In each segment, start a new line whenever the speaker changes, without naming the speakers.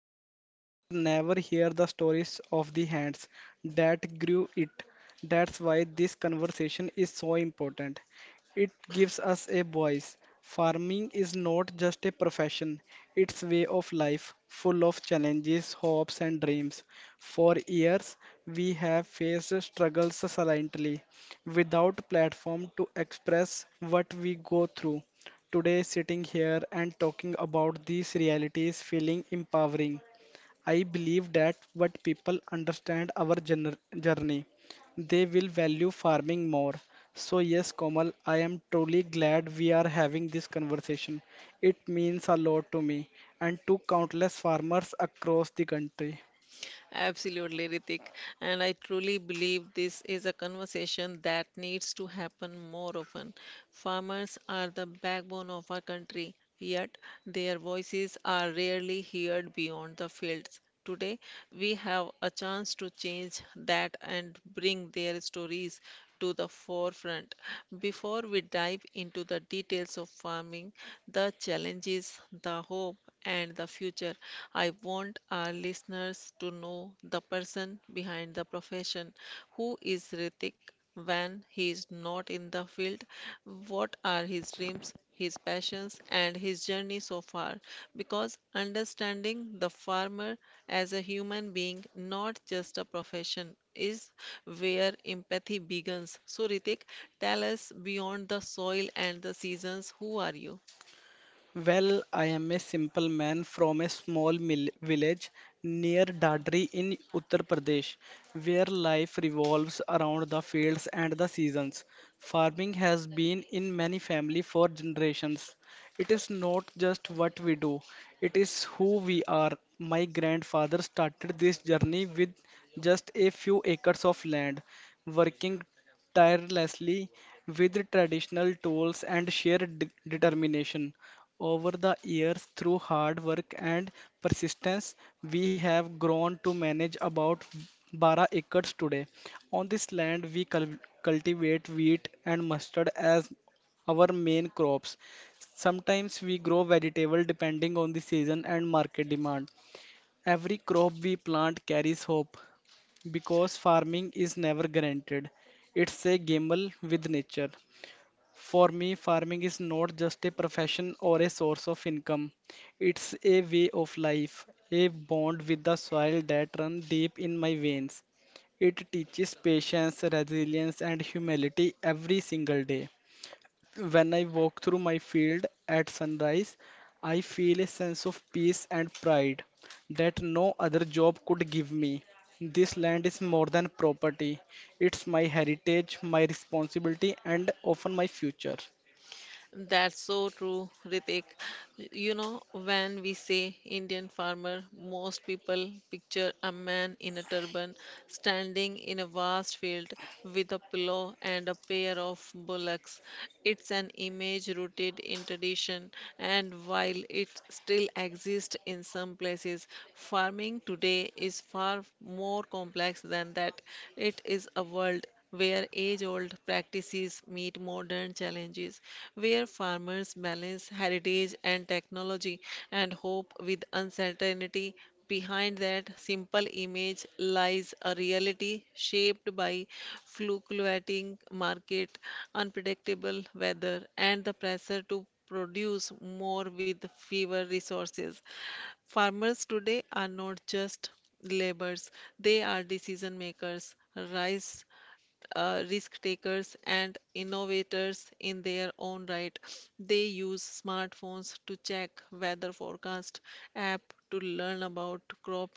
plate but never hear the stories of the hands that grew it. That's why this conversation is so important. It gives us a voice. Farming is not just a profession, it's way of life, full of challenges, hopes and dreams. For years, we have faced struggles silently, without platform to express what we go through. Today, sitting here and talking about these realities feeling empowering. I believe that what people understand our journey, they will value farming more. So yes, Komal, I am truly glad we are having this conversation. It means a lot to me and to countless farmers across the country.
Absolutely, Ritik. And I truly believe this is a conversation that needs to happen more often. Farmers are the backbone of our country, yet their voices are rarely heard beyond the fields. Today, we have a chance to change that and bring their stories to the forefront. Before we dive into the details of farming, the challenges, the hope, and the future, I want our listeners to know the person behind the profession. Who is Ritik when he is not in the field? What are his dreams, his passions, and his journey so far? Because understanding the farmer as a human being, not just a profession, is where empathy begins. So, Ritik, tell us, beyond the soil and the seasons, who are you?
Well, I am a simple man from a small mill village near Dadri in Uttar Pradesh, where life revolves around the fields and the seasons. Farming has been in many family for generations. It is not just what we do, it is who we are. My grandfather started this journey with just a few acres of land, working tirelessly with traditional tools and sheer determination. Over the years, through hard work and persistence, we have grown to manage about 12 acres today. On this land, we cultivate wheat and mustard as our main crops. Sometimes we grow vegetable depending on the season and market demand. Every crop we plant carries hope because farming is never guaranteed. It's a gamble with nature. For me, farming is not just a profession or a source of income, it's a way of life, a bond with the soil that runs deep in my veins. It teaches patience, resilience, and humility every single day. When I walk through my field at sunrise, I feel a sense of peace and pride that no other job could give me. This land is more than property, it's my heritage, my responsibility, and often my future.
That's so true, Ritik. You know, when we say Indian farmer, most people picture a man in a turban standing in a vast field with a pillow and a pair of bullocks. It's an image rooted in tradition, and while it still exists in some places, farming today is far more complex than that. It is a world where age old practices meet modern challenges, where farmers balance heritage and technology and hope with uncertainty. Behind that simple image lies a reality shaped by fluctuating market, unpredictable weather, and the pressure to produce more with fewer resources. Farmers today are not just laborers, they are decision makers. Rice Risk takers and innovators in their own right. They use smartphones to check weather forecast, app to learn about crop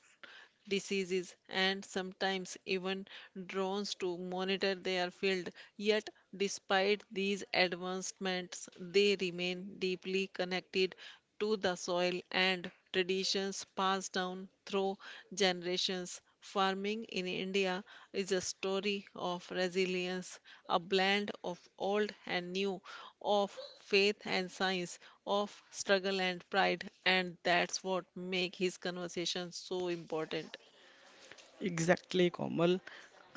diseases, and sometimes even drones to monitor their field. Yet, despite these advancements, they remain deeply connected to the soil and traditions passed down through generations. Farming in India is a story of resilience, a blend of old and new, of faith and science, of struggle and pride, and that's what makes his conversation so important.
Exactly, Komal.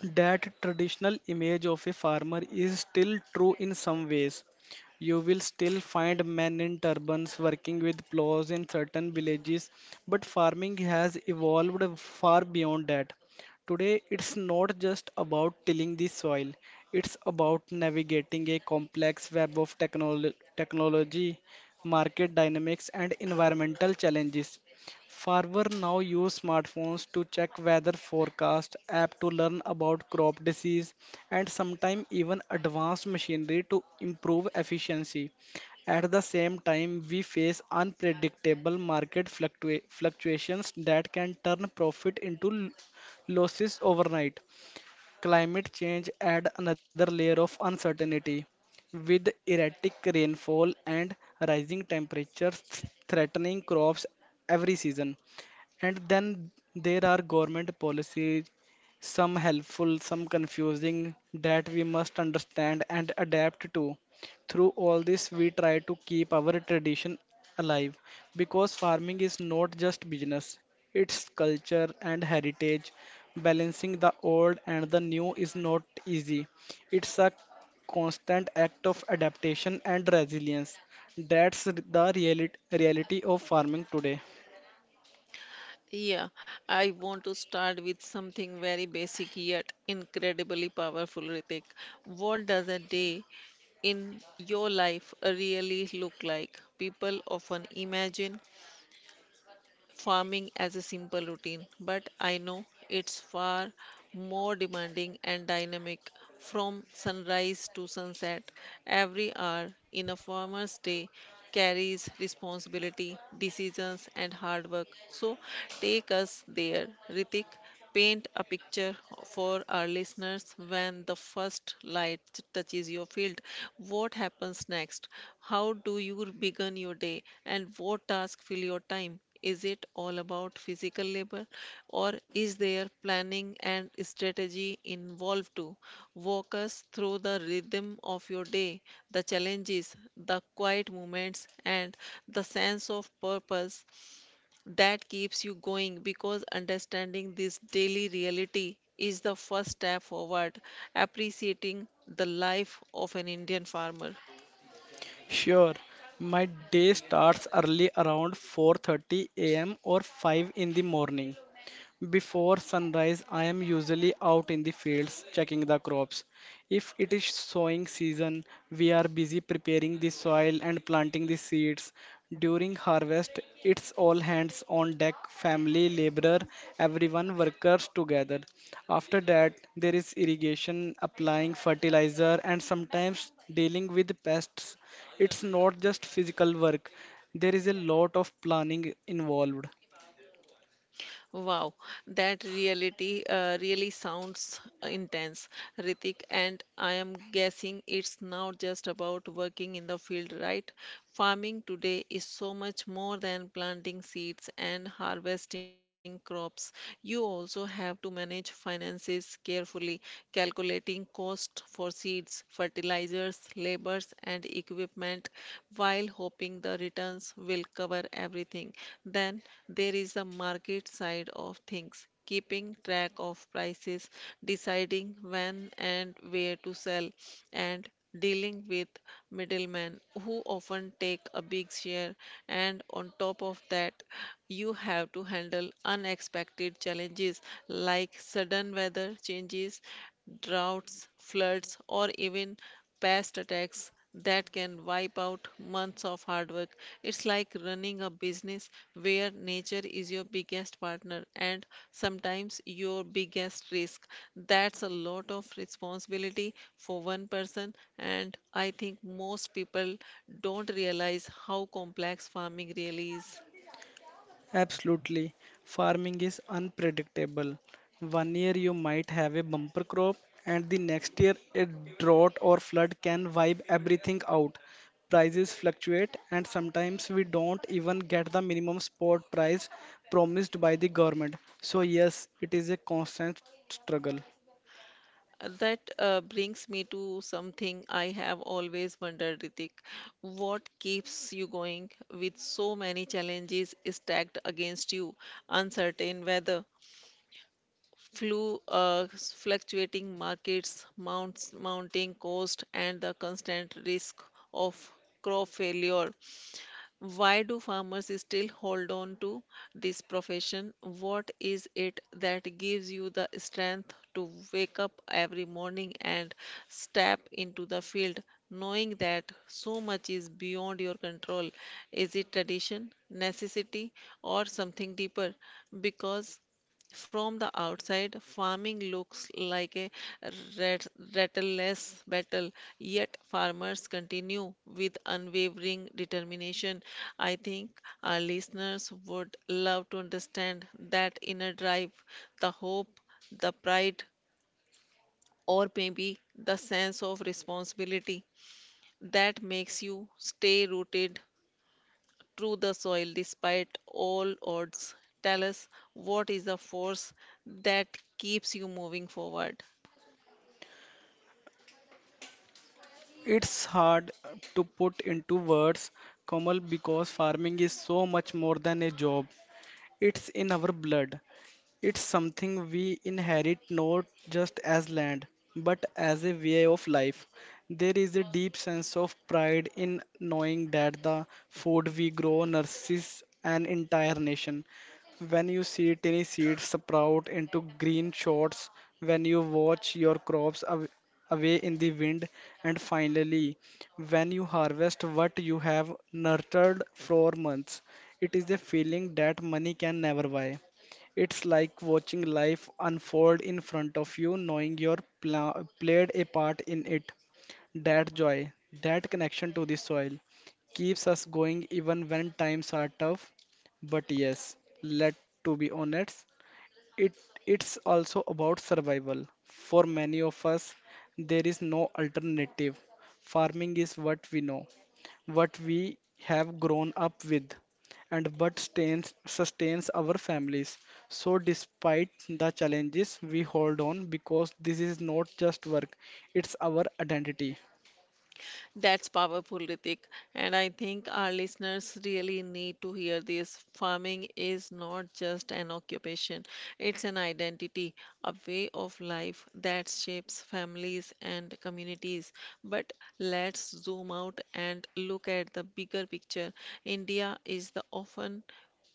That traditional image of a farmer is still true in some ways. You will still find men in turbans working with plows in certain villages, but farming has evolved far beyond that. Today, it's not just about tilling the soil, it's about navigating a complex web of technology, market dynamics, and environmental challenges. Farmers now use smartphones to check weather forecast, app to learn about crop disease, and sometimes even advanced machinery to improve efficiency. At the same time, we face unpredictable market fluctuations that can turn profit into losses overnight. Climate change adds another layer of uncertainty with erratic rainfall and rising temperatures threatening crops every season. And then there are government policies, some helpful, some confusing, that we must understand and adapt to. Through all this, we try to keep our tradition alive because farming is not just business, it's culture and heritage. Balancing the old and the new is not easy. It's a constant act of adaptation and resilience. That's the reality of farming today.
Yeah, I want to start with something very basic yet incredibly powerful, Ritik. What does a day in your life really look like? People often imagine farming as a simple routine, but I know it's far more demanding and dynamic. From sunrise to sunset, every hour in a farmer's day carries responsibility, decisions, and hard work. So, take us there, Ritik. Paint a picture for our listeners. When the first light touches your field, what happens next? How do you begin your day? And what tasks fill your time? Is it all about physical labor, or is there planning and strategy involved too? Walk us through the rhythm of your day, the challenges, the quiet moments, and the sense of purpose that keeps you going, because understanding this daily reality is the first step forward, appreciating the life of an Indian farmer.
Sure, my day starts early around 4:30 a.m. or 5 in the morning. Before sunrise, I am usually out in the fields checking the crops. If it is sowing season, we are busy preparing the soil and planting the seeds. During harvest, it's all hands on deck, family, laborer, everyone workers together. After that, there is irrigation, applying fertilizer, and sometimes dealing with pests. It's not just physical work, there is a lot of planning involved.
Wow, that reality really sounds intense, Ritik. And I am guessing it's not just about working in the field, right? Farming today is so much more than planting seeds and harvesting crops. You also have to manage finances carefully, calculating cost for seeds, fertilizers, labors, and equipment while hoping the returns will cover everything. Then there is the market side of things, keeping track of prices, deciding when and where to sell, and dealing with middlemen who often take a big share. And on top of that, you have to handle unexpected challenges like sudden weather changes, droughts, floods, or even past attacks that can wipe out months of hard work. It's like running a business where nature is your biggest partner and sometimes your biggest risk. That's a lot of responsibility for one person, and I think most people don't realize how complex farming really is.
Absolutely. Farming is unpredictable. One year you might have a bumper crop, and the next year a drought or flood can wipe everything out. Prices fluctuate, and sometimes we don't even get the minimum spot price promised by the government. So, yes, it is a constant struggle.
That brings me to something I have always wondered, Ritik. What keeps you going with so many challenges stacked against you? Uncertain weather, fluctuating markets, mounting cost, and the constant risk of crop failure. Why do farmers still hold on to this profession? What is it that gives you the strength to wake up every morning and step into the field knowing that so much is beyond your control? Is it tradition, necessity, or something deeper? Because from the outside, farming looks like a rat- rattleless battle, yet farmers continue with unwavering determination. I think our listeners would love to understand that inner drive, the hope, the pride, or maybe the sense of responsibility that makes you stay rooted through the soil despite all odds. Tell us, what is the force that keeps you moving forward.
It's hard to put into words, Komal, because farming is so much more than a job. It's in our blood. It's something we inherit not just as land, but as a way of life. There is a deep sense of pride in knowing that the food we grow nurses an entire nation. When you see tiny seeds sprout into green shoots, when you watch your crops away in the wind, and finally, when you harvest what you have nurtured for months, it is a feeling that money can never buy. It's like watching life unfold in front of you, knowing you're played a part in it. That joy, that connection to the soil, keeps us going even when times are tough. But yes, let to be honest, it it's also about survival. For many of us, there is no alternative. Farming is what we know what we have grown up with and what sustains our families. So, despite the challenges, we hold on because this is not just work, it's our identity.
That's powerful, Ritik. And I think our listeners really need to hear this. Farming is not just an occupation, it's an identity, a way of life that shapes families and communities. But let's zoom out and look at the bigger picture. India is the often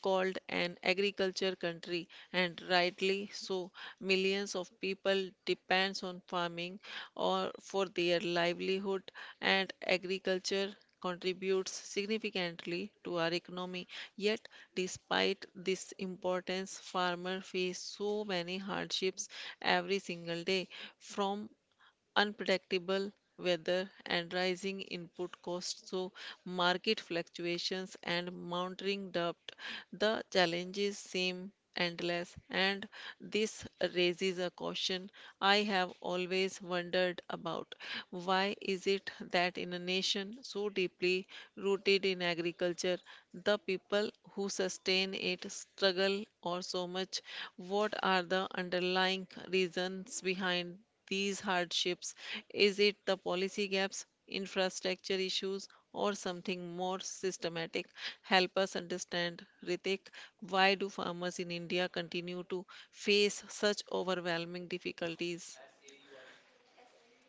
called an agriculture country, and rightly so. Millions of people depends on farming or for their livelihood, and agriculture contributes significantly to our economy. Yet despite this importance, farmers face so many hardships every single day, from unpredictable weather and rising input costs, so market fluctuations and mounting debt. The challenges seem endless, and this raises a caution I have always wondered about. Why is it that in a nation so deeply rooted in agriculture, the people who sustain it struggle or so much? What are the underlying reasons behind these hardships? Is it the policy gaps, infrastructure issues, or something more systematic? Help us understand, Ritik, why do farmers in India continue to face such overwhelming difficulties?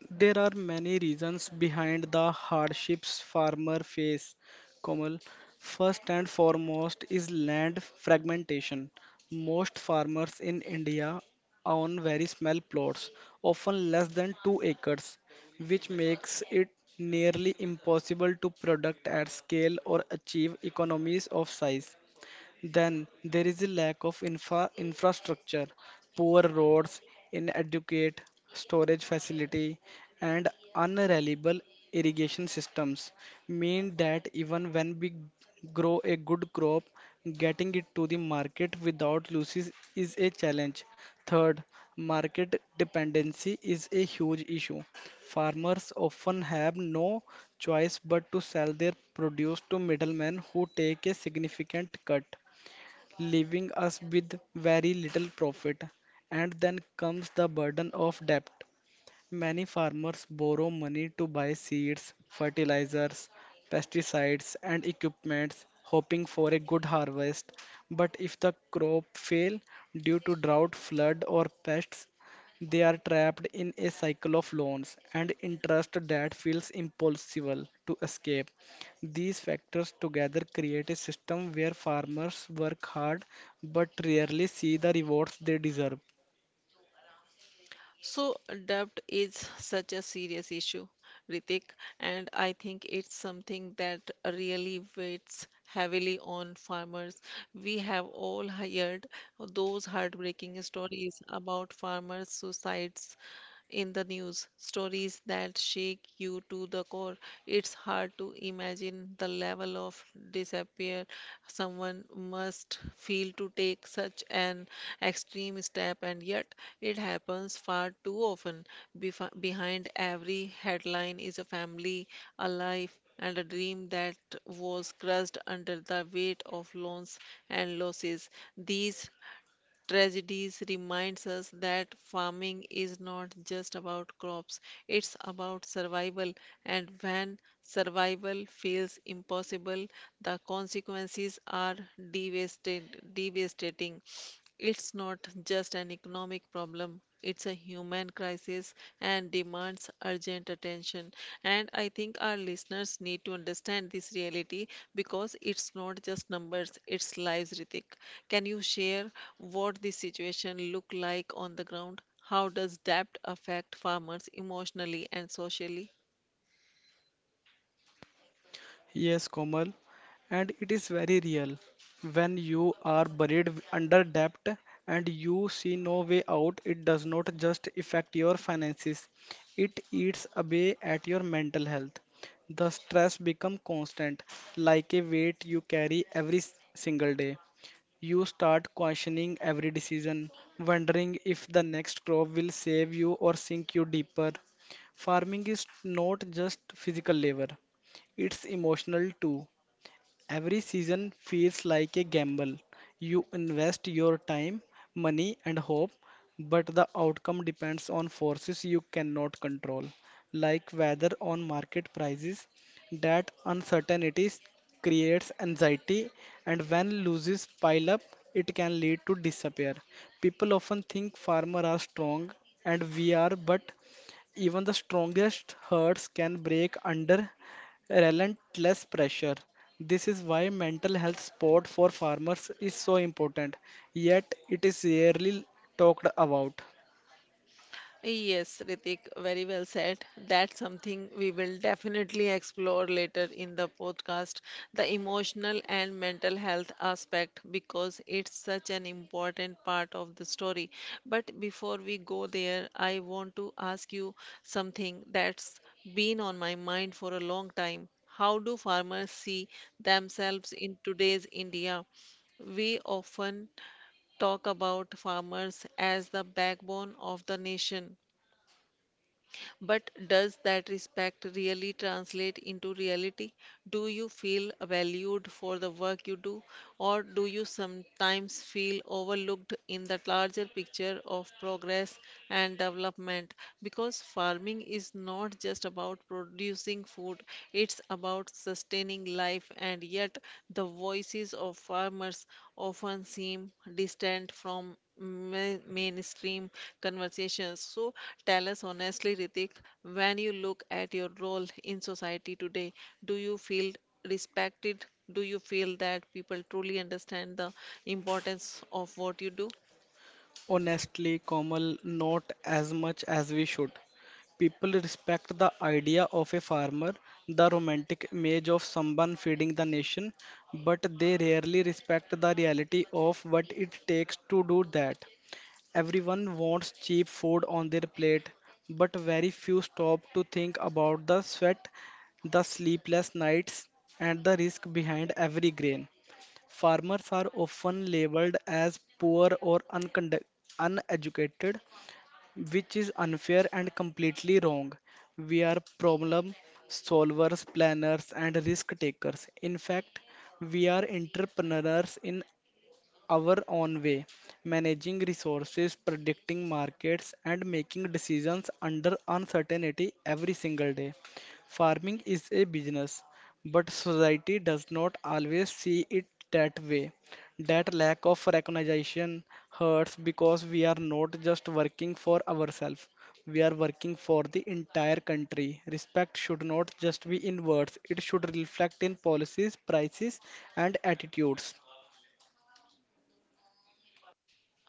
There are many reasons behind the hardships farmers face, Komal. First and foremost is land fragmentation. Most farmers in India own very small plots, often less than 2 acres, which makes it nearly impossible to product at scale or achieve economies of size. Then there is a lack of infrastructure, poor roads, inadequate storage facility, and unreliable irrigation systems mean that even when we grow a good crop, getting it to the market without losses is a challenge. Third, market dependency is a huge issue. Farmers often have no choice but to sell their produce to middlemen who take a significant cut leaving us with very little profit. And then comes the burden of debt. Many farmers borrow money to buy seeds, fertilizers, pesticides, and equipments, hoping for a good harvest. But if the crop fail due to drought, flood, or pests, they are trapped in a cycle of loans and interest that feels impossible to escape. These factors together create a system where farmers work hard but rarely see the rewards they deserve.
So, debt is such a serious issue, Ritik, and I think it's something that really weighs heavily on farmers. We have all heard those heartbreaking stories about farmers' suicides in the news, stories that shake you to the core. It's hard to imagine the level of despair someone must feel to take such an extreme step, and yet it happens far too often. Behind every headline is a family, a life, and a dream that was crushed under the weight of loans and losses. These tragedies reminds us that farming is not just about crops, it's about survival, and when survival feels impossible, the consequences are devastating devastating. It's not just an economic problem, it's a human crisis and demands urgent attention. And I think our listeners need to understand this reality because it's not just numbers, it's lives, Ritik. Can you share what this situation look like on the ground? How does debt affect farmers emotionally and socially?
Yes, Komal, and it is very real. When you are buried under debt and you see no way out, it does not just affect your finances, it eats away at your mental health. The stress becomes constant, like a weight you carry every single day. You start questioning every decision, wondering if the next crop will save you or sink you deeper. Farming is not just physical labor, it's emotional too. Every season feels like a gamble. You invest your time, money, and hope, but the outcome depends on forces you cannot control, like weather on market prices. That uncertainty creates anxiety, and when losses pile up, it can lead to despair. People often think farmers are strong, and we are, but even the strongest herds can break under relentless pressure. This is why mental health support for farmers is so important, yet it is rarely talked about.
Yes, Ritik, very well said. That's something we will definitely explore later in the podcast, the emotional and mental health aspect, because it's such an important part of the story. But before we go there, I want to ask you something that's been on my mind for a long time. How do farmers see themselves in today's India? We often talk about farmers as the backbone of the nation, but does that respect really translate into reality? Do you feel valued for the work you do, or do you sometimes feel overlooked in the larger picture of progress and development? Because farming is not just about producing food, it's about sustaining life, and yet the voices of farmers often seem distant from mainstream conversations. So tell us honestly, Ritik, when you look at your role in society today, do you feel respected? Do you feel that people truly understand the importance of what you do?
Honestly, Komal, not as much as we should. People respect the idea of a farmer, the romantic image of someone feeding the nation, but they rarely respect the reality of what it takes to do that. Everyone wants cheap food on their plate, but very few stop to think about the sweat, the sleepless nights, and the risk behind every grain. Farmers are often labeled as poor or uneducated, which is unfair and completely wrong. We are problem solvers, planners, and risk takers. In fact, we are entrepreneurs in our own way, managing resources, predicting markets, and making decisions under uncertainty every single day. Farming is a business, but society does not always see it that way. That lack of recognition hurts because we are not just working for ourselves, we are working for the entire country. Respect should not just be in words, it should reflect in policies, prices, and attitudes.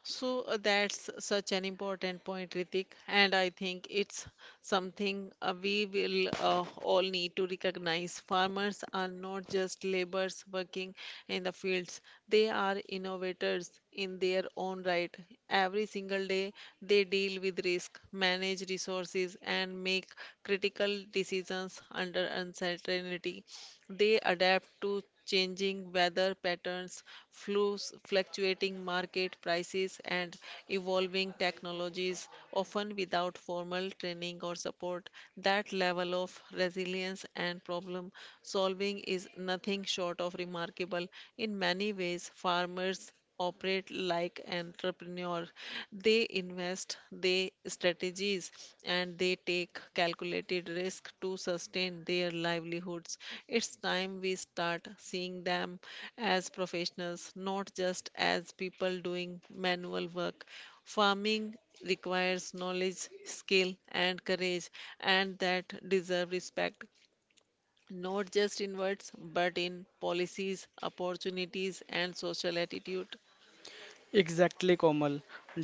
So that's such an important point, Ritik, and I think it's something we will all need to recognize. Farmers are not just laborers working in the fields, they are innovators in their own right. Every single day, they deal with risk, manage resources, and make critical decisions under uncertainty. They adapt to changing weather patterns, fluctuating market prices, and evolving technologies, often without formal training or support. That level of resilience and problem solving is nothing short of remarkable. In many ways, farmers operate like entrepreneur. They invest, they strategies, and they take calculated risk to sustain their livelihoods. It's time we start seeing them as professionals, not just as people doing manual work. Farming requires knowledge, skill, and courage, and that deserve respect, not just in words but in policies, opportunities, and social attitude.
Exactly, Komal.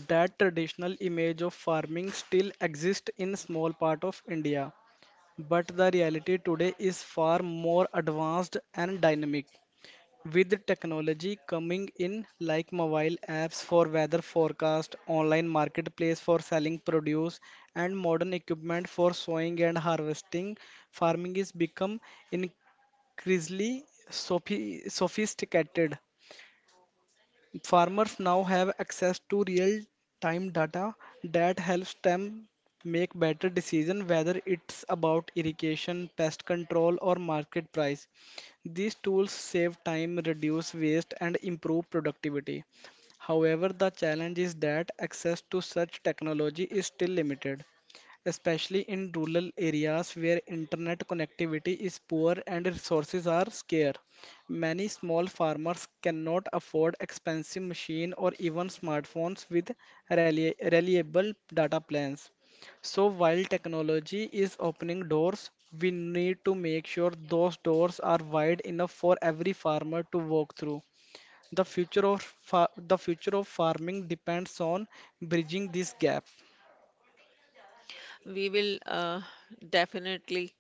That traditional image of farming still exists in small part of India, but the reality today is far more advanced and dynamic. With technology coming in like mobile apps for weather forecast, online marketplace for selling produce, and modern equipment for sowing and harvesting, farming is become increasingly sophisticated. Farmers now have access to real-time data that helps them make better decisions, whether it's about irrigation, pest control, or market price. These tools save time, reduce waste, and improve productivity. However, the challenge is that access to such technology is still limited, especially in rural areas where internet connectivity is poor and resources are scarce. Many small farmers cannot afford expensive machine or even smartphones with reliable data plans. So while technology is opening doors, we need to make sure those doors are wide enough for every farmer to walk through. The future of farming depends on bridging this gap.
We will definitely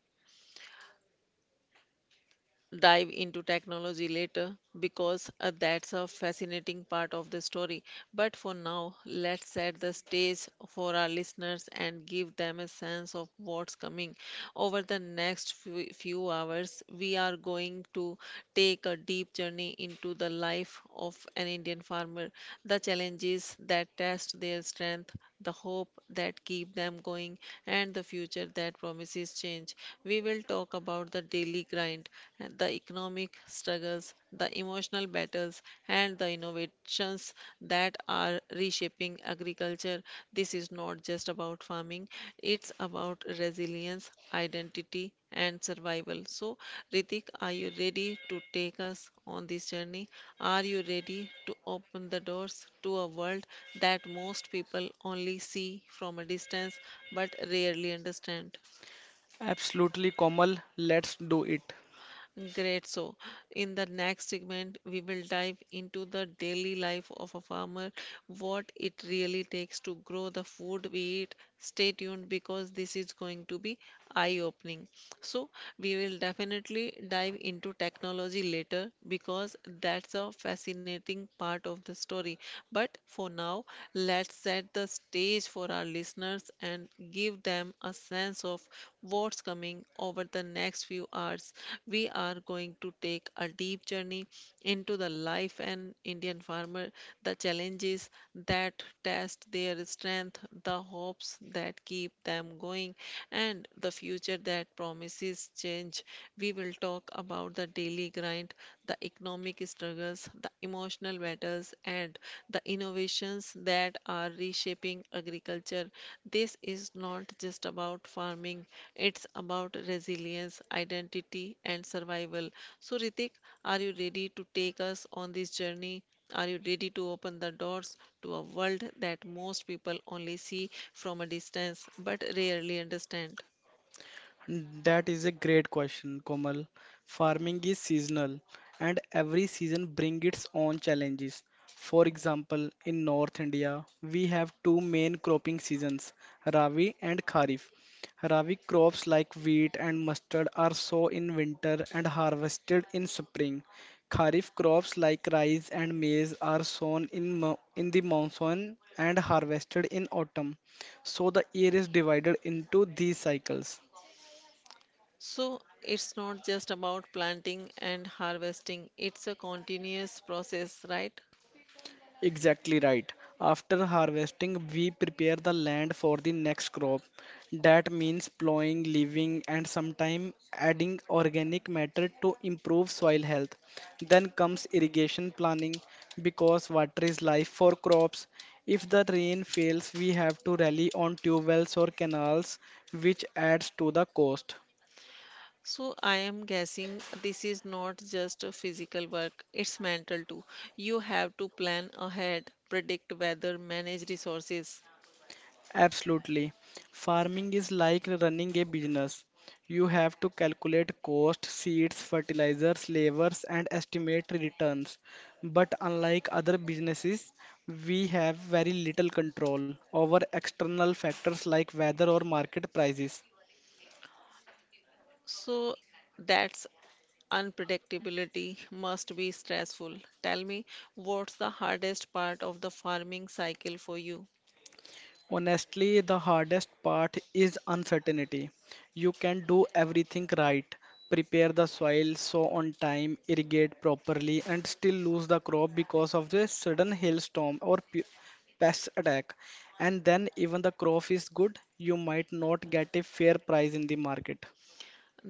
dive into technology later because that's a fascinating part of the story. But for now, let's set the stage for our listeners and give them a sense of what's coming. Over the next few hours, we are going to take a deep journey into the life of an Indian farmer, the challenges that test their strength, the hope that keep them going, and the future that promises change. We will talk about the daily grind, and the economic struggles, the emotional battles, and the innovations that are reshaping agriculture. This is not just about farming, it's about resilience, identity, and survival. So, Ritik, are you ready to take us on this journey? Are you ready to open the doors to a world that most people only see from a distance but rarely understand?
Absolutely, Komal, let's do it.
Great. So, in the next segment, we will dive into the daily life of a farmer, what it really takes to grow the food we eat. Stay tuned because this is going to be eye-opening. So, we will definitely dive into technology later because that's a fascinating part of the story. But for now, let's set the stage for our listeners and give them a sense of what's coming over the next few hours. We are going to take a deep journey into the life an Indian farmer, the challenges that test their strength, the hopes that keep them going, and the future that promises change. We will talk about the daily grind, the economic struggles, the emotional battles, and the innovations that are reshaping agriculture. This is not just about farming, it's about resilience, identity, and survival. So, Ritik, are you ready to take us on this journey? Are you ready to open the doors to a world that most people only see from a distance but rarely understand?
That is a great question, Komal. Farming is seasonal and every season brings its own challenges. For example, in North India, we have two main cropping seasons, Rabi and Kharif. Rabi crops like wheat and mustard are sown in winter and harvested in spring. Kharif crops like rice and maize are sown in the monsoon and harvested in autumn. So the year is divided into these cycles.
So it's not just about planting and harvesting, it's a continuous process, right?
Exactly right. After harvesting, we prepare the land for the next crop. That means plowing, leaving, and sometimes adding organic matter to improve soil health. Then comes irrigation planning because water is life for crops. If the rain fails, we have to rely on tube wells or canals, which adds to the cost.
So I am guessing this is not just a physical work, it's mental too. You have to plan ahead, predict weather, manage resources.
Absolutely. Farming is like running a business. You have to calculate cost, seeds, fertilizers, labors, and estimate returns. But unlike other businesses, we have very little control over external factors like weather or market prices.
So that's unpredictability must be stressful. Tell me, what's the hardest part of the farming cycle for you?
Honestly, the hardest part is uncertainty. You can do everything right, prepare the soil, sow on time, irrigate properly, and still lose the crop because of the sudden hailstorm or pest attack. And then, even the crop is good, you might not get a fair price in the market.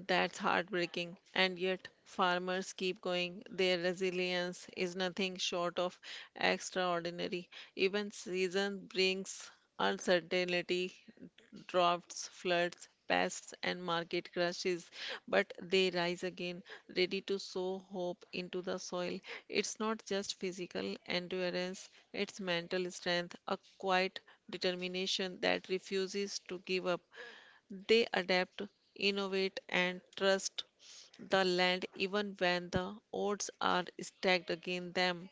That's heartbreaking. And yet, farmers keep going. Their resilience is nothing short of extraordinary. Even season brings uncertainty, droughts, floods, pests, and market crashes, but they rise again, ready to sow hope into the soil. It's not just physical endurance, it's mental strength, a quiet determination that refuses to give up. They adapt, innovate, and trust the land even when the odds are stacked against them.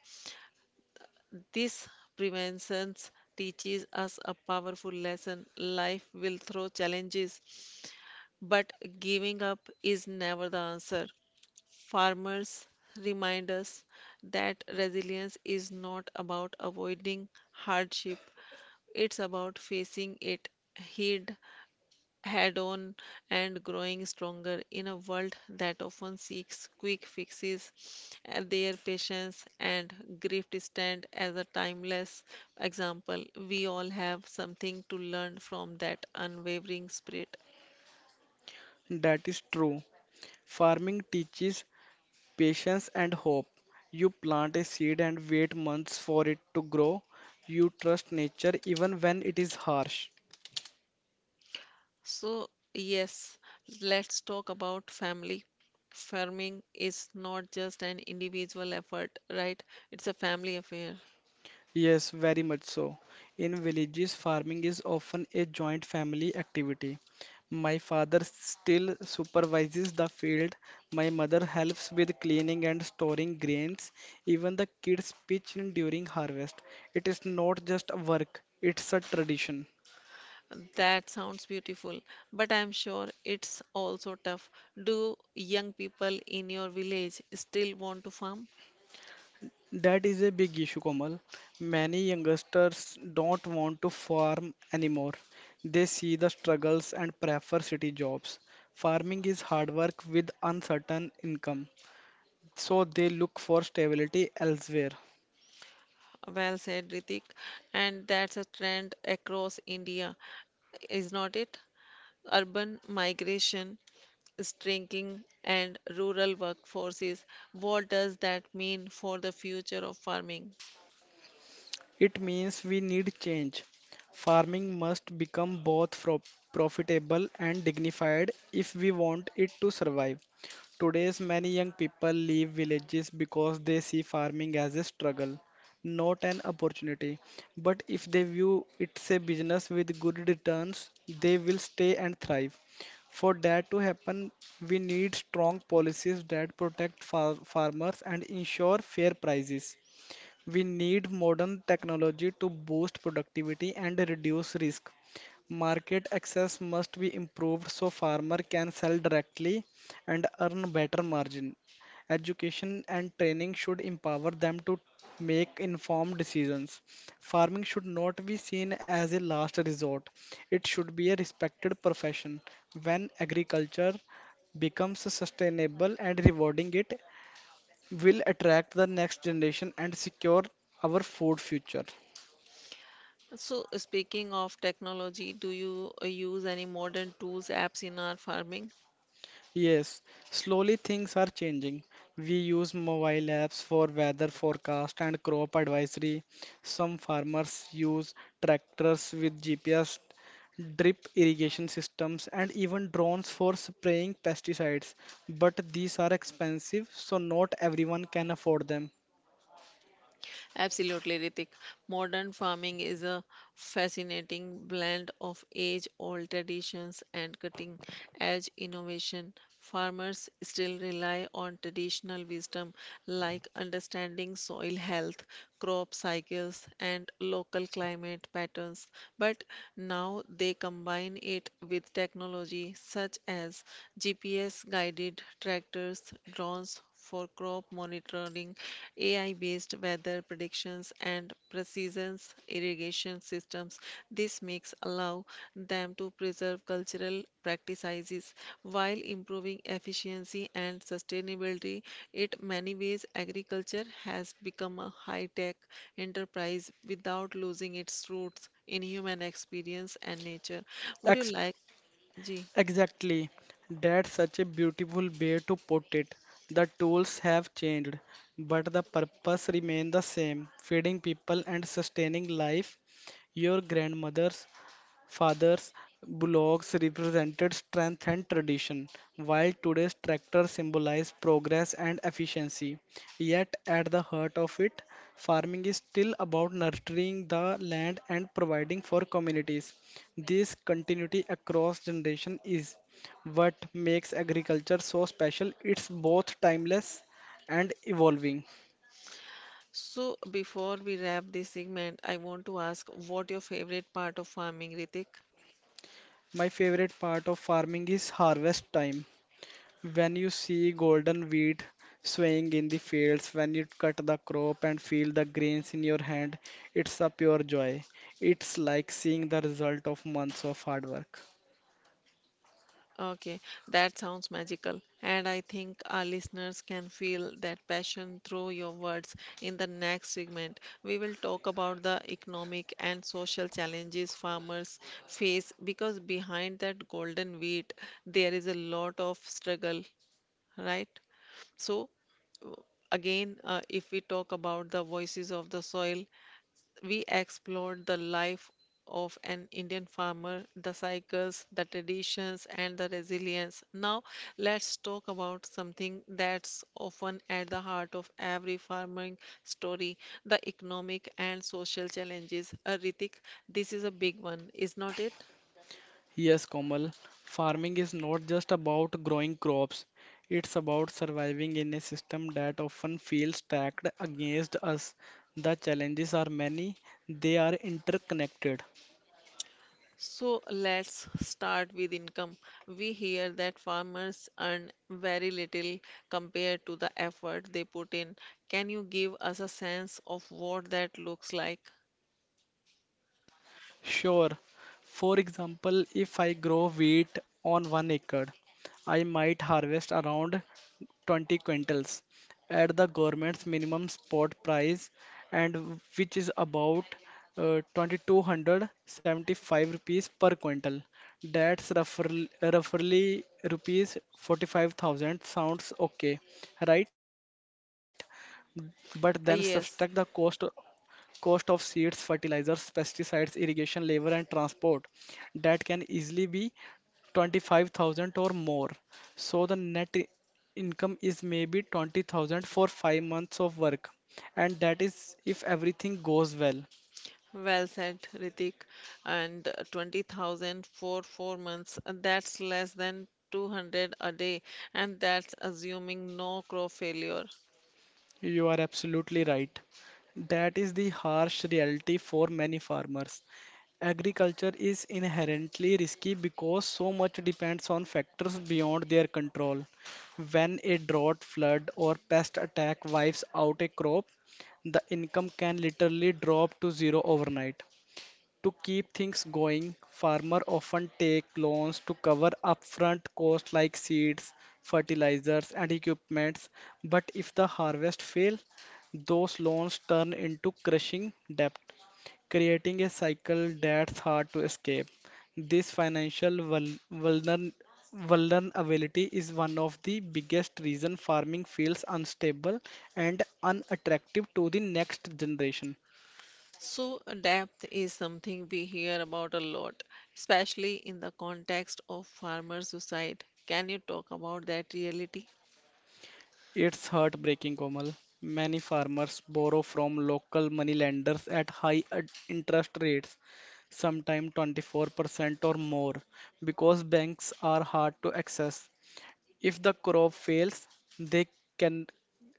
This preventions teaches us a powerful lesson. Life will throw challenges, but giving up is never the answer. Farmers remind us that resilience is not about avoiding hardship, it's about facing it head head on and growing stronger in a world that often seeks quick fixes. Their patience and grift stand as a timeless example. We all have something to learn from that unwavering spirit.
That is true. Farming teaches patience and hope. You plant a seed and wait months for it to grow. You trust nature even when it is harsh.
So, yes, let's talk about family. Farming is not just an individual effort, right? It's a family affair.
Yes, very much so. In villages, farming is often a joint family activity. My father still supervises the field. My mother helps with cleaning and storing grains. Even the kids pitch in during harvest. It is not just work, it's a tradition.
That sounds beautiful, but I'm sure it's also tough. Do young people in your village still want to farm?
That is a big issue, Komal. Many youngsters don't want to farm anymore. They see the struggles and prefer city jobs. Farming is hard work with uncertain income, so they look for stability elsewhere.
Well said, Ritik. And that's a trend across India, is not it? Urban migration, is shrinking, and rural workforces. What does that mean for the future of farming?
It means we need change. Farming must become both profitable and dignified if we want it to survive. Today's many young people leave villages because they see farming as a struggle, not an opportunity. But if they view it's a business with good returns, they will stay and thrive. For that to happen, we need strong policies that protect farmers and ensure fair prices. We need modern technology to boost productivity and reduce risk. Market access must be improved so farmer can sell directly and earn better margin. Education and training should empower them to make informed decisions. Farming should not be seen as a last resort. It should be a respected profession. When agriculture becomes sustainable and rewarding, it will attract the next generation and secure our food future.
So, speaking of technology, do you use any modern tools, apps in our farming?
Yes, slowly things are changing. We use mobile apps for weather forecast and crop advisory. Some farmers use tractors with GPS, drip irrigation systems, and even drones for spraying pesticides. But these are expensive, so not everyone can afford them.
Absolutely, Ritik. Modern farming is a fascinating blend of age-old traditions and cutting-edge innovation. Farmers still rely on traditional wisdom like understanding soil health, crop cycles, and local climate patterns, but now they combine it with technology such as GPS-guided tractors, drones, for crop monitoring, AI-based weather predictions, and precision irrigation systems. This makes allow them to preserve cultural practices while improving efficiency and sustainability. In many ways, agriculture has become a high-tech enterprise without losing its roots in human experience and nature. Would you like? Ji
Exactly. That's such a beautiful way to put it. The tools have changed, but the purpose remains the same, feeding people and sustaining life. Your grandmother's fathers' bullocks represented strength and tradition, while today's tractors symbolize progress and efficiency. Yet, at the heart of it, farming is still about nurturing the land and providing for communities. This continuity across generations is what makes agriculture so special. It's both timeless and evolving.
So, before we wrap this segment, I want to ask what your favorite part of farming, Ritik?
My favorite part of farming is harvest time. When you see golden wheat swaying in the fields, when you cut the crop and feel the grains in your hand, it's a pure joy. It's like seeing the result of months of hard work.
Okay, that sounds magical. And I think our listeners can feel that passion through your words. In the next segment, we will talk about the economic and social challenges farmers face because behind that golden wheat, there is a lot of struggle, right? So, again, if we talk about the voices of the soil, we explored the life of an Indian farmer, the cycles, the traditions, and the resilience. Now, let's talk about something that's often at the heart of every farming story the economic and social challenges. Ritik, this is a big one, is not it?
Yes, Komal, farming is not just about growing crops. It's about surviving in a system that often feels stacked against us. The challenges are many, they are interconnected.
So let's start with income. We hear that farmers earn very little compared to the effort they put in. Can you give us a sense of what that looks like?
Sure. For example, if I grow wheat on 1 acre, I might harvest around 20 quintals at the government's minimum spot price, and which is about 2275 rupees per quintal. That's roughly rupees 45,000. Sounds okay, right? But
Ah,
then
yes,
subtract the cost of seeds, fertilizers, pesticides, irrigation, labor, and transport that can easily be 25,000 or more. So the net income is maybe 20,000 for 5 months of work, and that is if everything goes well.
well said, Ritik. And 20,000 for 4 months, that's less than 200 a day, and that's assuming no crop failure.
You are absolutely right. That is the harsh reality for many farmers. Agriculture is inherently risky because so much depends on factors beyond their control. When a drought, flood, or pest attack wipes out a crop, the income can literally drop to zero overnight. To keep things going, farmers often take loans to cover upfront costs like seeds, fertilizers, and equipments. But if the harvest fails, those loans turn into crushing debt, creating a cycle that's hard to escape. This financial vulnerability is one of the biggest reasons farming feels unstable and unattractive to the next generation.
So, depth is something we hear about a lot, especially in the context of farmer suicide. Can you talk about that reality?
It's heartbreaking, Komal. Many farmers borrow from local moneylenders at high interest rates, sometimes 24% or more, because banks are hard to access. If the crop fails, they can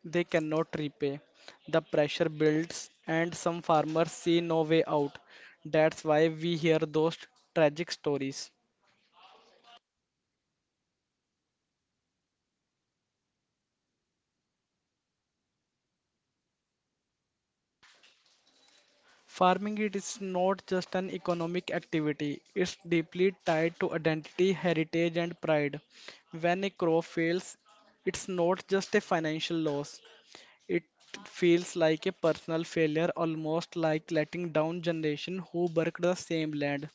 they cannot repay. The pressure builds, and some farmers see no way out. That's why we hear those tragic stories. Farming it is not just an economic activity, it's deeply tied to identity, heritage, and pride. When a crop fails, it's not just a financial loss, it feels like a personal failure, almost like letting down generation who worked the same land.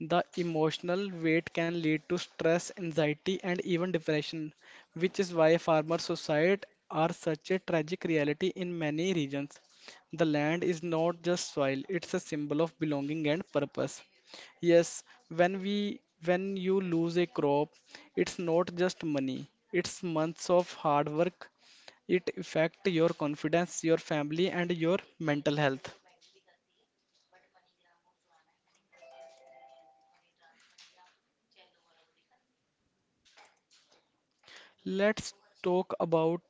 The emotional weight can lead to stress, anxiety, and even depression, which is why farmer suicide are such a tragic reality in many regions. The land is not just soil, it's a symbol of belonging and purpose. Yes, when we when you lose a crop, it's not just money, it's months of hard work. It affect your confidence, your family, and your mental health. Let's talk about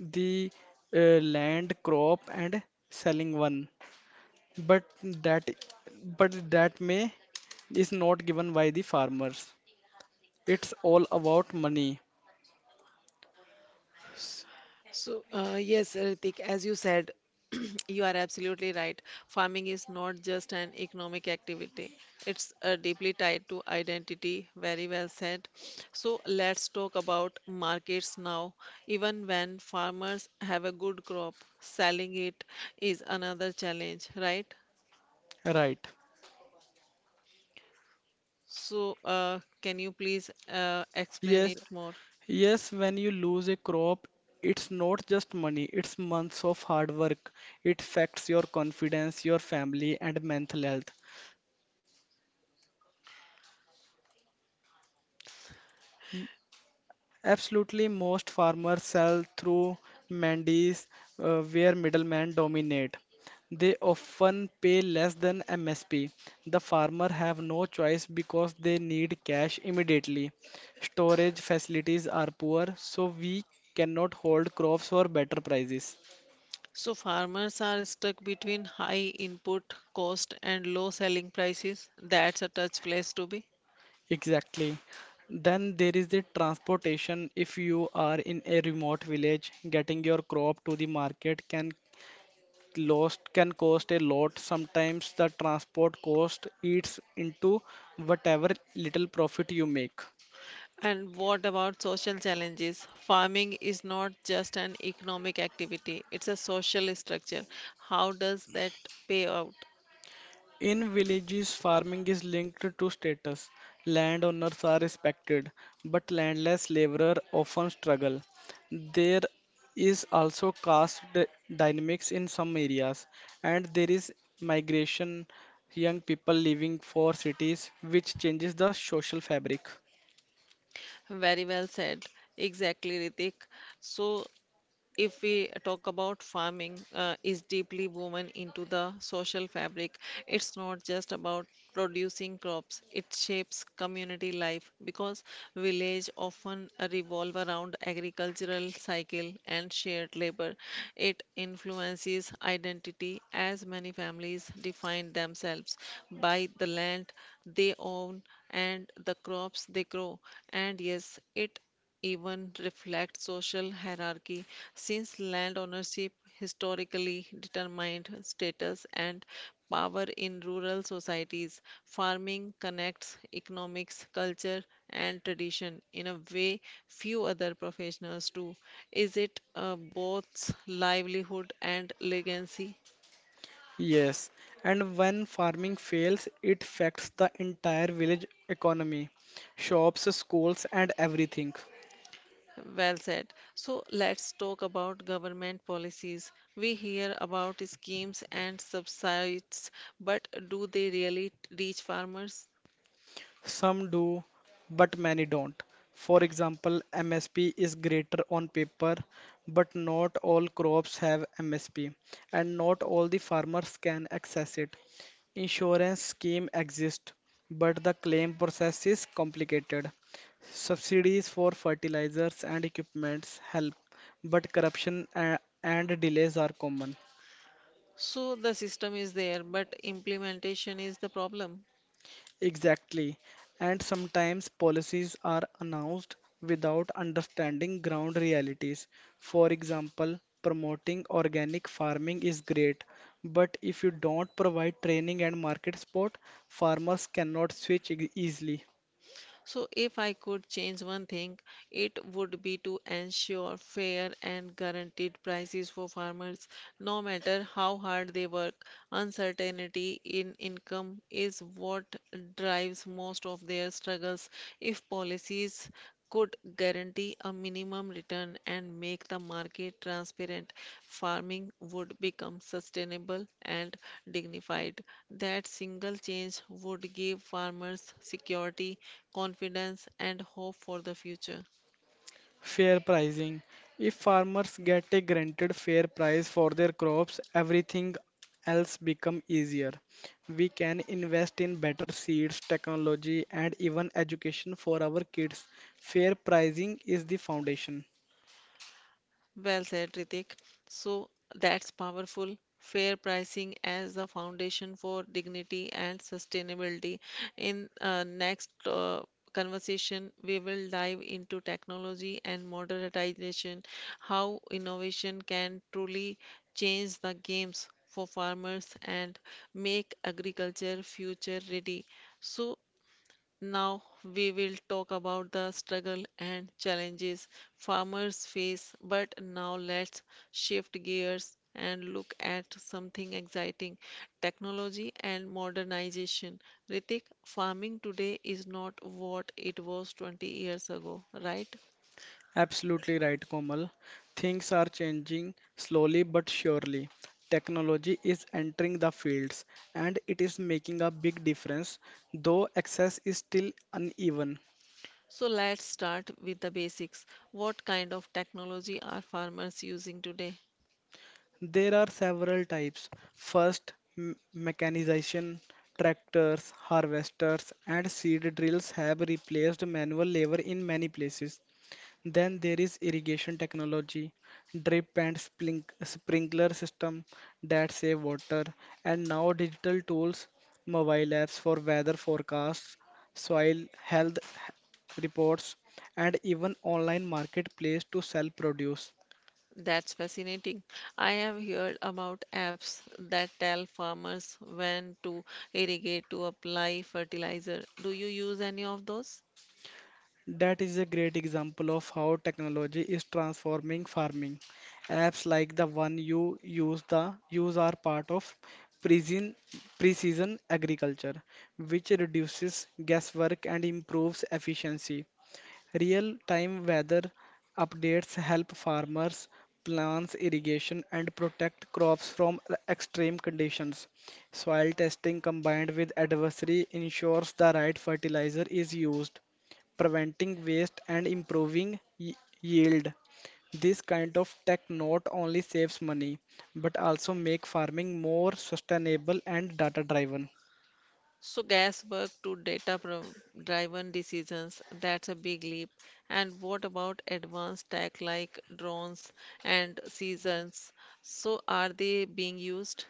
the land crop and selling one but that that may is not given by the farmers, it's all about money. S-
So, yes, Ritik, as you said, you are absolutely right. Farming is not just an economic activity, it's deeply tied to identity. Very well said. So, let's talk about markets now. Even when farmers have a good crop, selling it is another challenge, right?
right.
So, can you please explain
Yes,
it more?
yes, when you lose a crop, it's not just money, it's months of hard work. It affects your confidence, your family and mental health. Absolutely, most farmers sell through mandis where middlemen dominate. They often pay less than MSP. The farmer have no choice because they need cash immediately. Storage facilities are poor, so we cannot hold crops for better prices.
So, farmers are stuck between high input cost and low selling prices. That's a tough place to be.
Exactly. Then there is the transportation. If you are in a remote village, getting your crop to the market can lost can cost a lot. Sometimes the transport cost eats into whatever little profit you make.
And what about social challenges? Farming is not just an economic activity, it's a social structure. How does that pay out?
In villages, farming is linked to status. Landowners are respected, but landless laborers often struggle. There is also dynamics in some areas, and there is migration, young people leaving for cities, which changes the social fabric.
Very well said. Exactly, Ritik. So, if we talk about farming, is deeply woven into the social fabric. It's not just about producing crops, it shapes community life because village often revolve around agricultural cycle and shared labor. It influences identity as many families define themselves by the land they own and the crops they grow. And yes, it even reflect social hierarchy since land ownership historically determined status and power in rural societies. Farming connects economics, culture, and tradition in a way few other professionals do. Is it both livelihood and legacy?
Yes, and when farming fails, it affects the entire village economy, shops, schools, and everything.
Well said. So let's talk about government policies. We hear about schemes and subsidies, but do they really reach farmers?
Some do, but many don't. For example, MSP is greater on paper, but not all crops have MSP, and not all the farmers can access it. Insurance scheme exist, but the claim process is complicated. Subsidies for fertilizers and equipments help, but corruption and delays are common.
So the system is there, but implementation is the problem.
Exactly. And sometimes policies are announced without understanding ground realities. For example, promoting organic farming is great, but if you don't provide training and market support, farmers cannot switch easily.
So, if I could change one thing, it would be to ensure fair and guaranteed prices for farmers, no matter how hard they work. Uncertainty in income is what drives most of their struggles. If policies could guarantee a minimum return and make the market transparent, farming would become sustainable and dignified. That single change would give farmers security, confidence, and hope for the future.
Fair pricing. If farmers get a granted fair price for their crops, everything else become easier. We can invest in better seeds, technology, and even education for our kids. Fair pricing is the foundation.
Well said, Ritik. So that's powerful. Fair pricing as the foundation for dignity and sustainability. In next conversation, we will dive into technology and modernization, how innovation can truly change the games for farmers and make agriculture future ready. So now we will talk about the struggle and challenges farmers face, but now let's shift gears and look at something exciting technology and modernization. Ritik, farming today is not what it was 20 years ago, right?
Absolutely right, Komal. Things are changing slowly but surely. Technology is entering the fields and it is making a big difference, though access is still uneven.
So let's start with the basics. What kind of technology are farmers using today?
There are several types. First, mechanization. Tractors, harvesters, and seed drills have replaced manual labor in many places. Then there is irrigation technology, drip and sprinkler system that save water, and now digital tools, mobile apps for weather forecasts, soil health reports, and even online marketplace to sell produce.
That's fascinating. I have heard about apps that tell farmers when to irrigate to apply fertilizer. Do you use any of those?
That is a great example of how technology is transforming farming. Apps like the one you use are part of precision precision agriculture, which reduces guesswork and improves efficiency. Real-time weather updates help farmers plan irrigation and protect crops from extreme conditions. Soil testing combined with adversary ensures the right fertilizer is used preventing waste and improving y- yield. This kind of tech not only saves money but also make farming more sustainable and data driven.
So guess work to driven decisions. That's a big leap. And what about advanced tech like drones and seasons? So are they being used?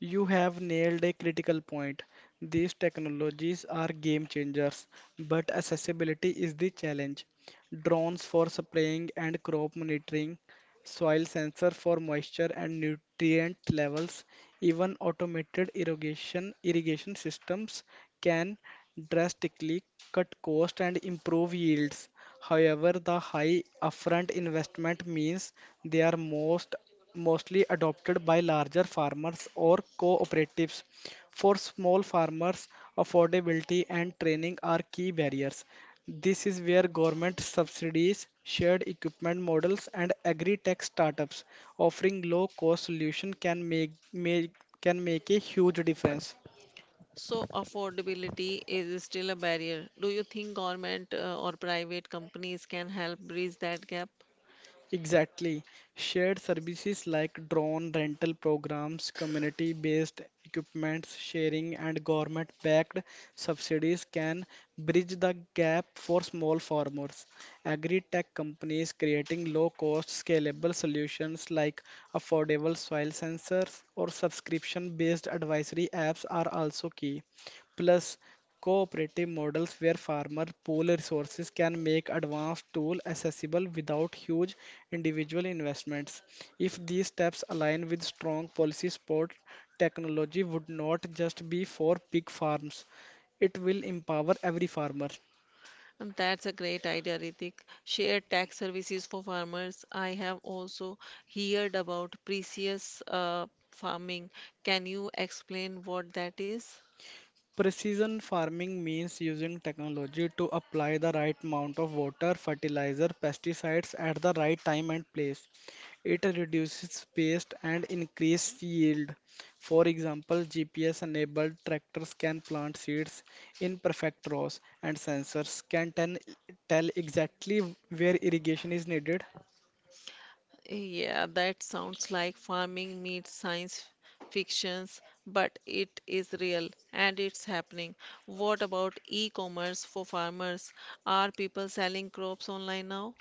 You have nailed a critical point. These technologies are game changers, but accessibility is the challenge. Drones for spraying and crop monitoring, soil sensor for moisture and nutrient levels, even automated irrigation systems can drastically cut cost and improve yields. However, the high upfront investment means they are mostly adopted by larger farmers or cooperatives. For small farmers, affordability and training are key barriers. This is where government subsidies, shared equipment models, and agri-tech startups offering low-cost solution can make a huge difference.
So affordability is still a barrier. Do you think government or private companies can help bridge that gap?
Exactly. Shared services like drone rental programs, community-based equipments sharing, and government-backed subsidies can bridge the gap for small farmers. Agri-tech companies creating low-cost, scalable solutions like affordable soil sensors or subscription-based advisory apps are also key. Plus, cooperative models where farmer pool resources can make advanced tools accessible without huge individual investments. If these steps align with strong policy support, technology would not just be for big farms, it will empower every farmer.
And that's a great idea, Ritik. Shared tax services for farmers. I have also heard about precious farming. Can you explain what that is?
Precision farming means using technology to apply the right amount of water, fertilizer, pesticides at the right time and place. It reduces waste and increases yield. For example, GPS-enabled tractors can plant seeds in perfect rows, and sensors can tell exactly where irrigation is needed.
Yeah, that sounds like farming meets science fictions, but it is real and it's happening. What about e-commerce for farmers? Are people selling crops online now?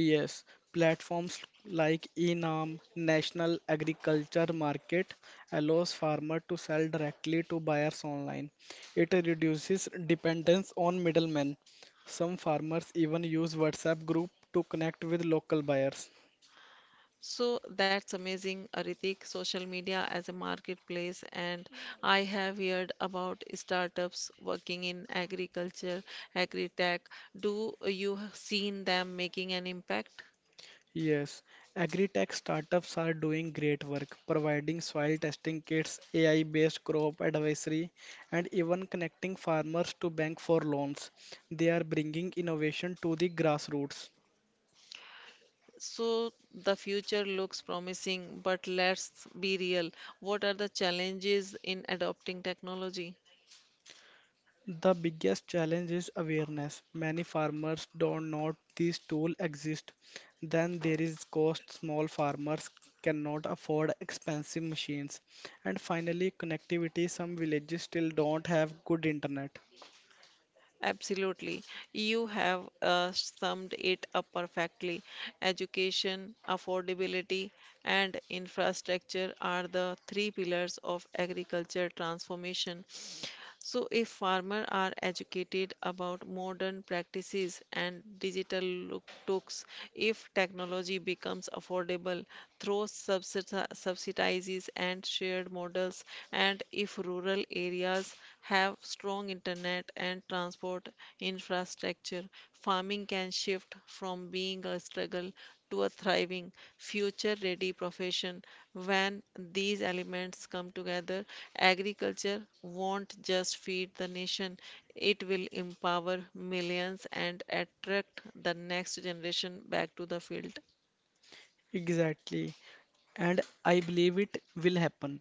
Yes, platforms like ENAM, National Agriculture Market, allows farmer to sell directly to buyers online. It reduces dependence on middlemen. Some farmers even use WhatsApp group to connect with local buyers.
So that's amazing, Aritik. Social media as a marketplace, and I have heard about startups working in agriculture, agri-tech. Do you have seen them making an impact?
Yes, agri-tech startups are doing great work, providing soil testing kits, AI-based crop advisory, and even connecting farmers to bank for loans. They are bringing innovation to the grassroots.
So the future looks promising, but let's be real. What are the challenges in adopting technology?
The biggest challenge is awareness. Many farmers don't know these tools exist. Then there is cost. Small farmers cannot afford expensive machines. And finally, connectivity. Some villages still don't have good internet.
Absolutely. You have summed it up perfectly. Education, affordability, and infrastructure are the three pillars of agriculture transformation. So, if farmers are educated about modern practices and tools, if technology becomes affordable through subsidies and shared models, and if rural areas have strong internet and transport infrastructure, farming can shift from being a struggle to a thriving, future ready profession. When these elements come together, agriculture won't just feed the nation, it will empower millions and attract the next generation back to the field.
Exactly. And I believe it will happen.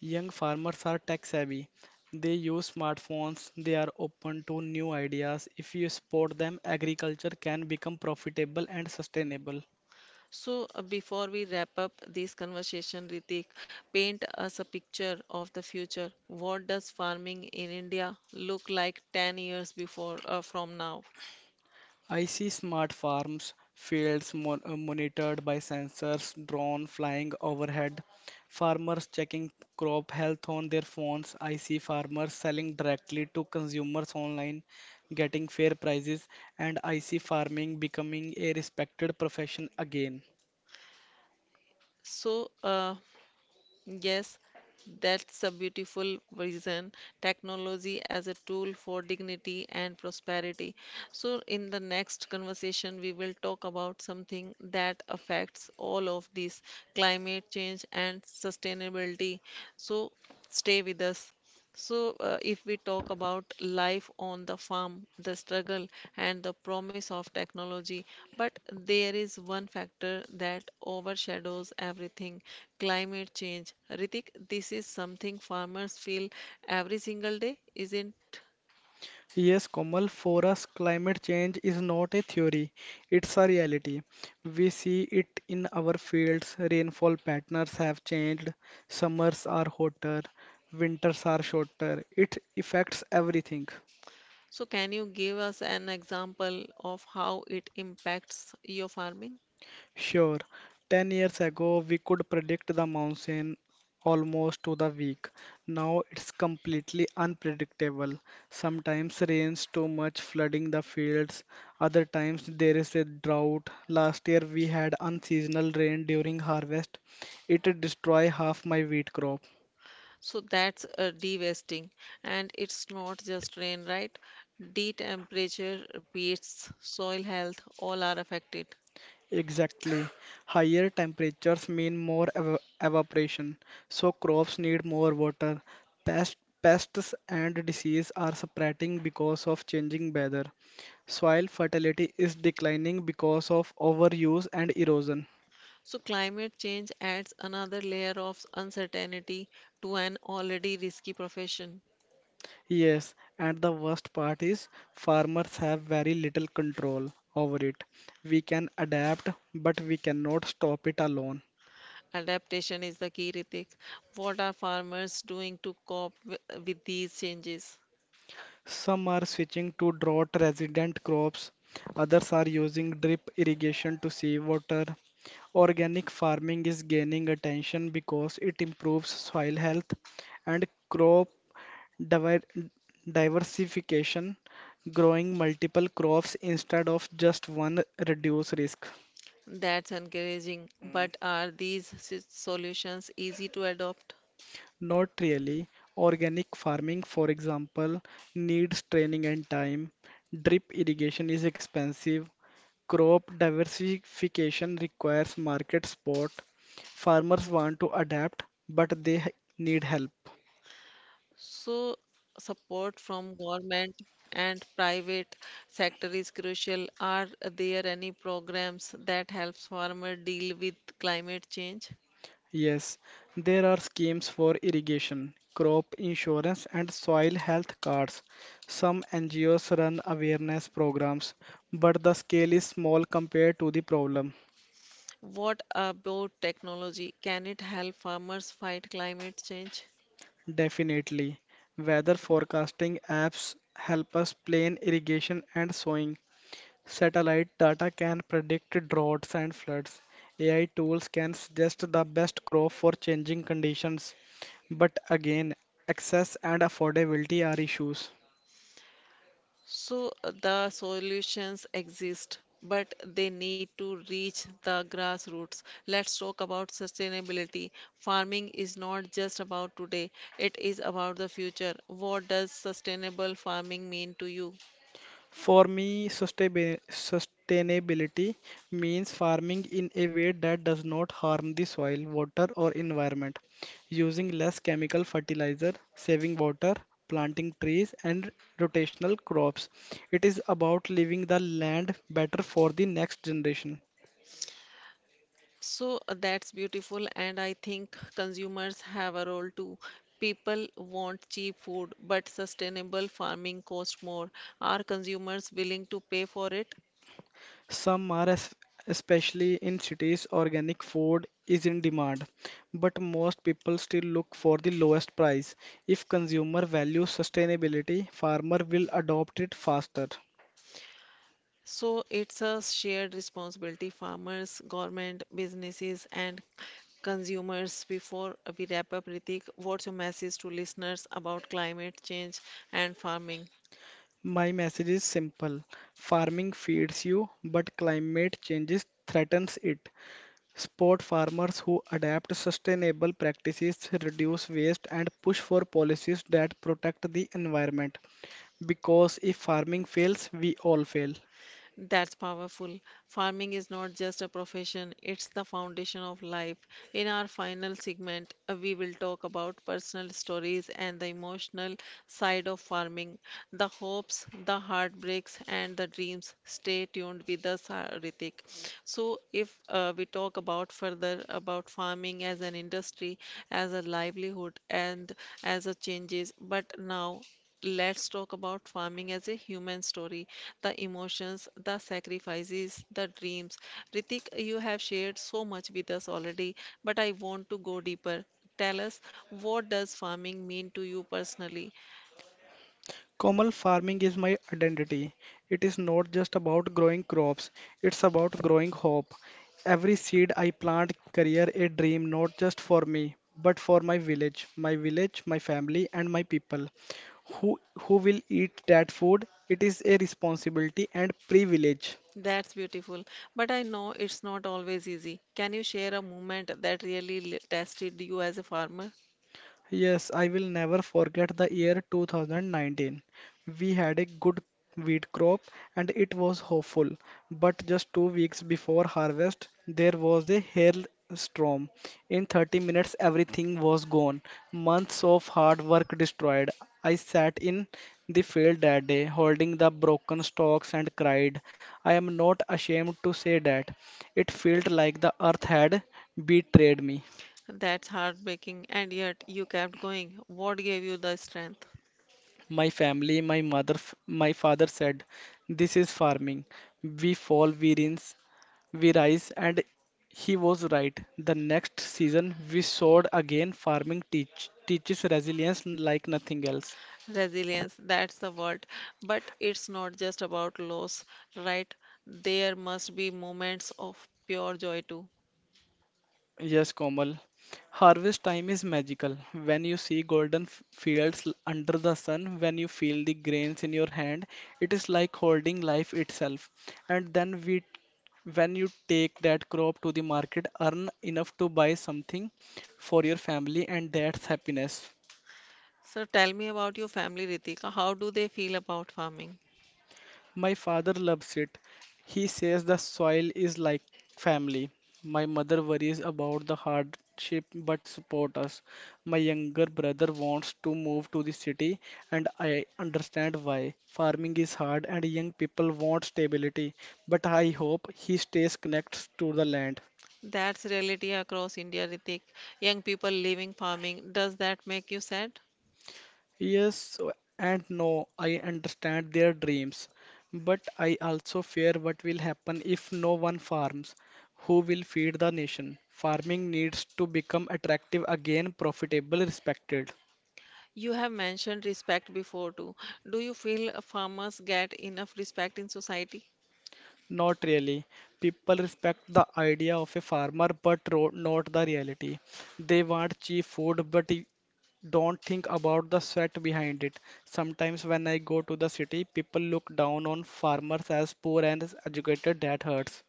Young farmers are tech savvy. They use smartphones, they are open to new ideas. If you support them, agriculture can become profitable and sustainable.
So, before we wrap up this conversation, Ritik, paint us a picture of the future. What does farming in India look like 10 years before from now?
I see smart farms, fields monitored by sensors, drone flying overhead, farmers checking crop health on their phones. I see farmers selling directly to consumers online, getting fair prices, and I see farming becoming a respected profession again.
So, yes, that's a beautiful vision. Technology as a tool for dignity and prosperity. So, in the next conversation, we will talk about something that affects all of this climate change and sustainability. So, stay with us. If we talk about life on the farm, the struggle and the promise of technology, but there is one factor that overshadows everything, climate change. Ritik, this is something farmers feel every single day, isn't?
Yes, Komal, for us, climate change is not a theory, it's a reality. We see it in our fields. Rainfall patterns have changed, summers are hotter, winters are shorter. It affects everything.
Can you give us an example of how it impacts your farming?
Sure, 10 years ago we could predict the monsoon almost to the week. Now it's completely unpredictable. Sometimes rains too much, flooding the fields. Other times there is a drought. Last year we had unseasonal rain during harvest. It destroyed half my wheat crop.
So that's a de-wasting, and it's not just rain, right? D temperature, pH, soil health, all are affected.
Exactly. Higher temperatures mean more ev evaporation, so crops need more water. Pests and disease are spreading because of changing weather. Soil fertility is declining because of overuse and erosion.
So climate change adds another layer of uncertainty to an already risky profession.
Yes, and the worst part is farmers have very little control over it. We can adapt, but we cannot stop it alone.
Adaptation is the key, Ritik. What are farmers doing to cope with these changes?
Some are switching to drought resident crops, others are using drip irrigation to save water. Organic farming is gaining attention because it improves soil health and crop diver- diversification, growing multiple crops instead of just one reduce risk.
That's encouraging, but are these solutions easy to adopt?
Not really. Organic farming, for example, needs training and time. Drip irrigation is expensive. Crop diversification requires market support. Farmers want to adapt, but need help.
So, support from government and private sector is crucial. Are there any programs that helps farmer deal with climate change?
Yes, there are schemes for irrigation, crop insurance, and soil health cards. Some NGOs run awareness programs, but the scale is small compared to the problem.
What about technology? Can it help farmers fight climate change?
Definitely. Weather forecasting apps help us plan irrigation and sowing. Satellite data can predict droughts and floods. AI tools can suggest the best crop for changing conditions. But again, access and affordability are issues.
The solutions exist, but they need to reach the grassroots. Let's talk about sustainability. Farming is not just about today, it is about the future. What does sustainable farming mean to you?
For me, sustainability means farming in a way that does not harm the soil, water, or environment, using less chemical fertilizer, saving water, planting trees, and rotational crops. It is about leaving the land better for the next generation.
That's beautiful, and I think consumers have a role too. People want cheap food, but sustainable farming costs more. Are consumers willing to pay for it?
Some are, especially in cities, organic food is in demand, but most people still look for the lowest price. If consumer values sustainability, farmer will adopt it faster.
So it's a shared responsibility, farmers, government, businesses, and consumers. Before we wrap up, Ritik, what's your message to listeners about climate change and farming?
My message is simple. Farming feeds you, but climate changes threatens it. Support farmers who adapt sustainable practices, reduce waste, and push for policies that protect the environment. Because if farming fails, we all fail.
That's powerful. Farming is not just a profession, it's the foundation of life. In our final segment, we will talk about personal stories and the emotional side of farming, the hopes, the heartbreaks, and the dreams. Stay tuned with us, Ritik. So, if we talk about further about farming as an industry, as a livelihood, and as a changes, but now let's talk about farming as a human story, the emotions, the sacrifices, the dreams. Ritik, you have shared so much with us already, but I want to go deeper. Tell us, what does farming mean to you personally?
Komal, farming is my identity. It is not just about growing crops, it's about growing hope. Every seed I plant career a dream not just for me, but for my village, my family and my people. Who will eat that food? It is a responsibility and privilege.
That's beautiful, but I know it's not always easy. Can you share a moment that really tested you as a farmer?
Yes, I will never forget the year 2019. We had a good wheat crop and it was hopeful. But just 2 weeks before harvest, there was a hailstorm. In 30 minutes, everything was gone. Months of hard work destroyed. I sat in the field that day, holding the broken stalks and cried. I am not ashamed to say that. It felt like the earth had betrayed me.
That's heartbreaking, and yet you kept going. What gave you the strength?
My family, my mother, my father said, this is farming. We fall, we rinse, we rise, and he was right. The next season, we soared again. Teaches resilience like nothing else.
Resilience, that's the word. But it's not just about loss, right? There must be moments of pure joy too.
Yes, Komal. Harvest time is magical. When you see golden fields under the sun, when you feel the grains in your hand, it is like holding life itself. And then we, when you take that crop to the market, earn enough to buy something for your family, and that's happiness.
So tell me about your family, Ritika. How do they feel about farming?
My father loves it. He says the soil is like family. My mother worries about the hardship but support us. My younger brother wants to move to the city and I understand why. Farming is hard and young people want stability, but I hope he stays connected to the land.
That's reality across India, Ritik. Young people leaving farming. Does that make you sad?
Yes so, and no, I understand their dreams, but I also fear what will happen if no one farms. Who will feed the nation? Farming needs to become attractive again, profitable, respected.
You have mentioned respect before too. Do you feel farmers get enough respect in society?
Not really. People respect the idea of a farmer, but not the reality. They want cheap food, but don't think about the sweat behind it. Sometimes when I go to the city, people look down on farmers as poor and as educated. That hurts.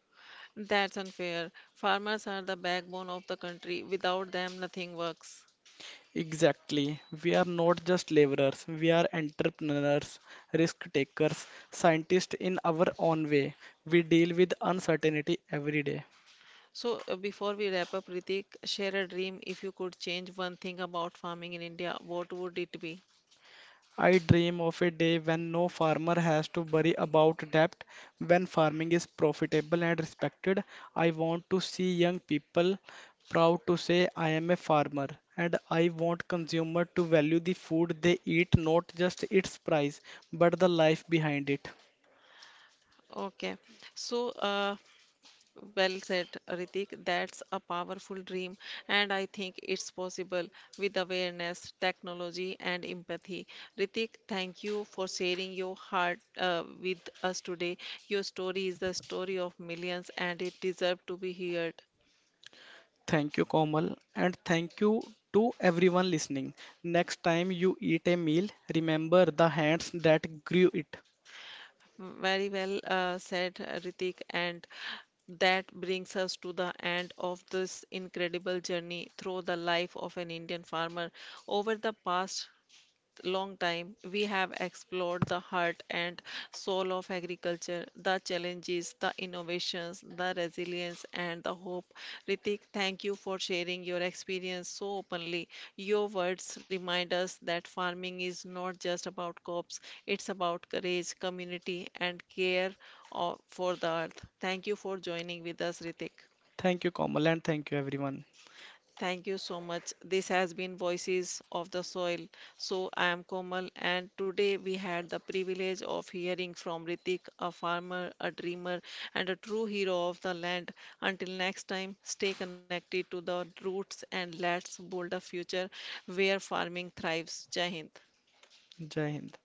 That's unfair. Farmers are the backbone of the country. Without them, nothing works.
Exactly. We are not just laborers, we are entrepreneurs, risk takers, scientists in our own way. We deal with uncertainty every day.
Before we wrap up, Ritik, share a dream, if you could change one thing about farming in India, what would it be?
I dream of a day when no farmer has to worry about debt, when farming is profitable and respected. I want to see young people proud to say, I am a farmer, and I want consumer to value the food they eat, not just its price, but the life behind it.
Okay, so uh, well said, Ritik. That's a powerful dream, and I think it's possible with awareness, technology, and empathy. Ritik, thank you for sharing your heart with us today. Your story is the story of millions, and it deserves to be heard.
Thank you, Komal, and thank you to everyone listening. Next time you eat a meal, remember the hands that grew it.
Very well said, Ritik. And that brings us to the end of this incredible journey through the life of an Indian farmer. Over the past long time, we have explored the heart and soul of agriculture, the challenges, the innovations, the resilience, and the hope. Ritik, thank you for sharing your experience so openly. Your words remind us that farming is not just about crops, it's about courage, community, and care of, for the earth. Thank you for joining with us, Ritik.
Thank you, Komal, and thank you, everyone.
Thank you so much. This has been Voices of the Soil. So I am Komal, and today we had the privilege of hearing from Ritik, a farmer, a dreamer, and a true hero of the land. Until next time, stay connected to the roots and let's build a future where farming thrives. Jai Hind.
Jai Hind.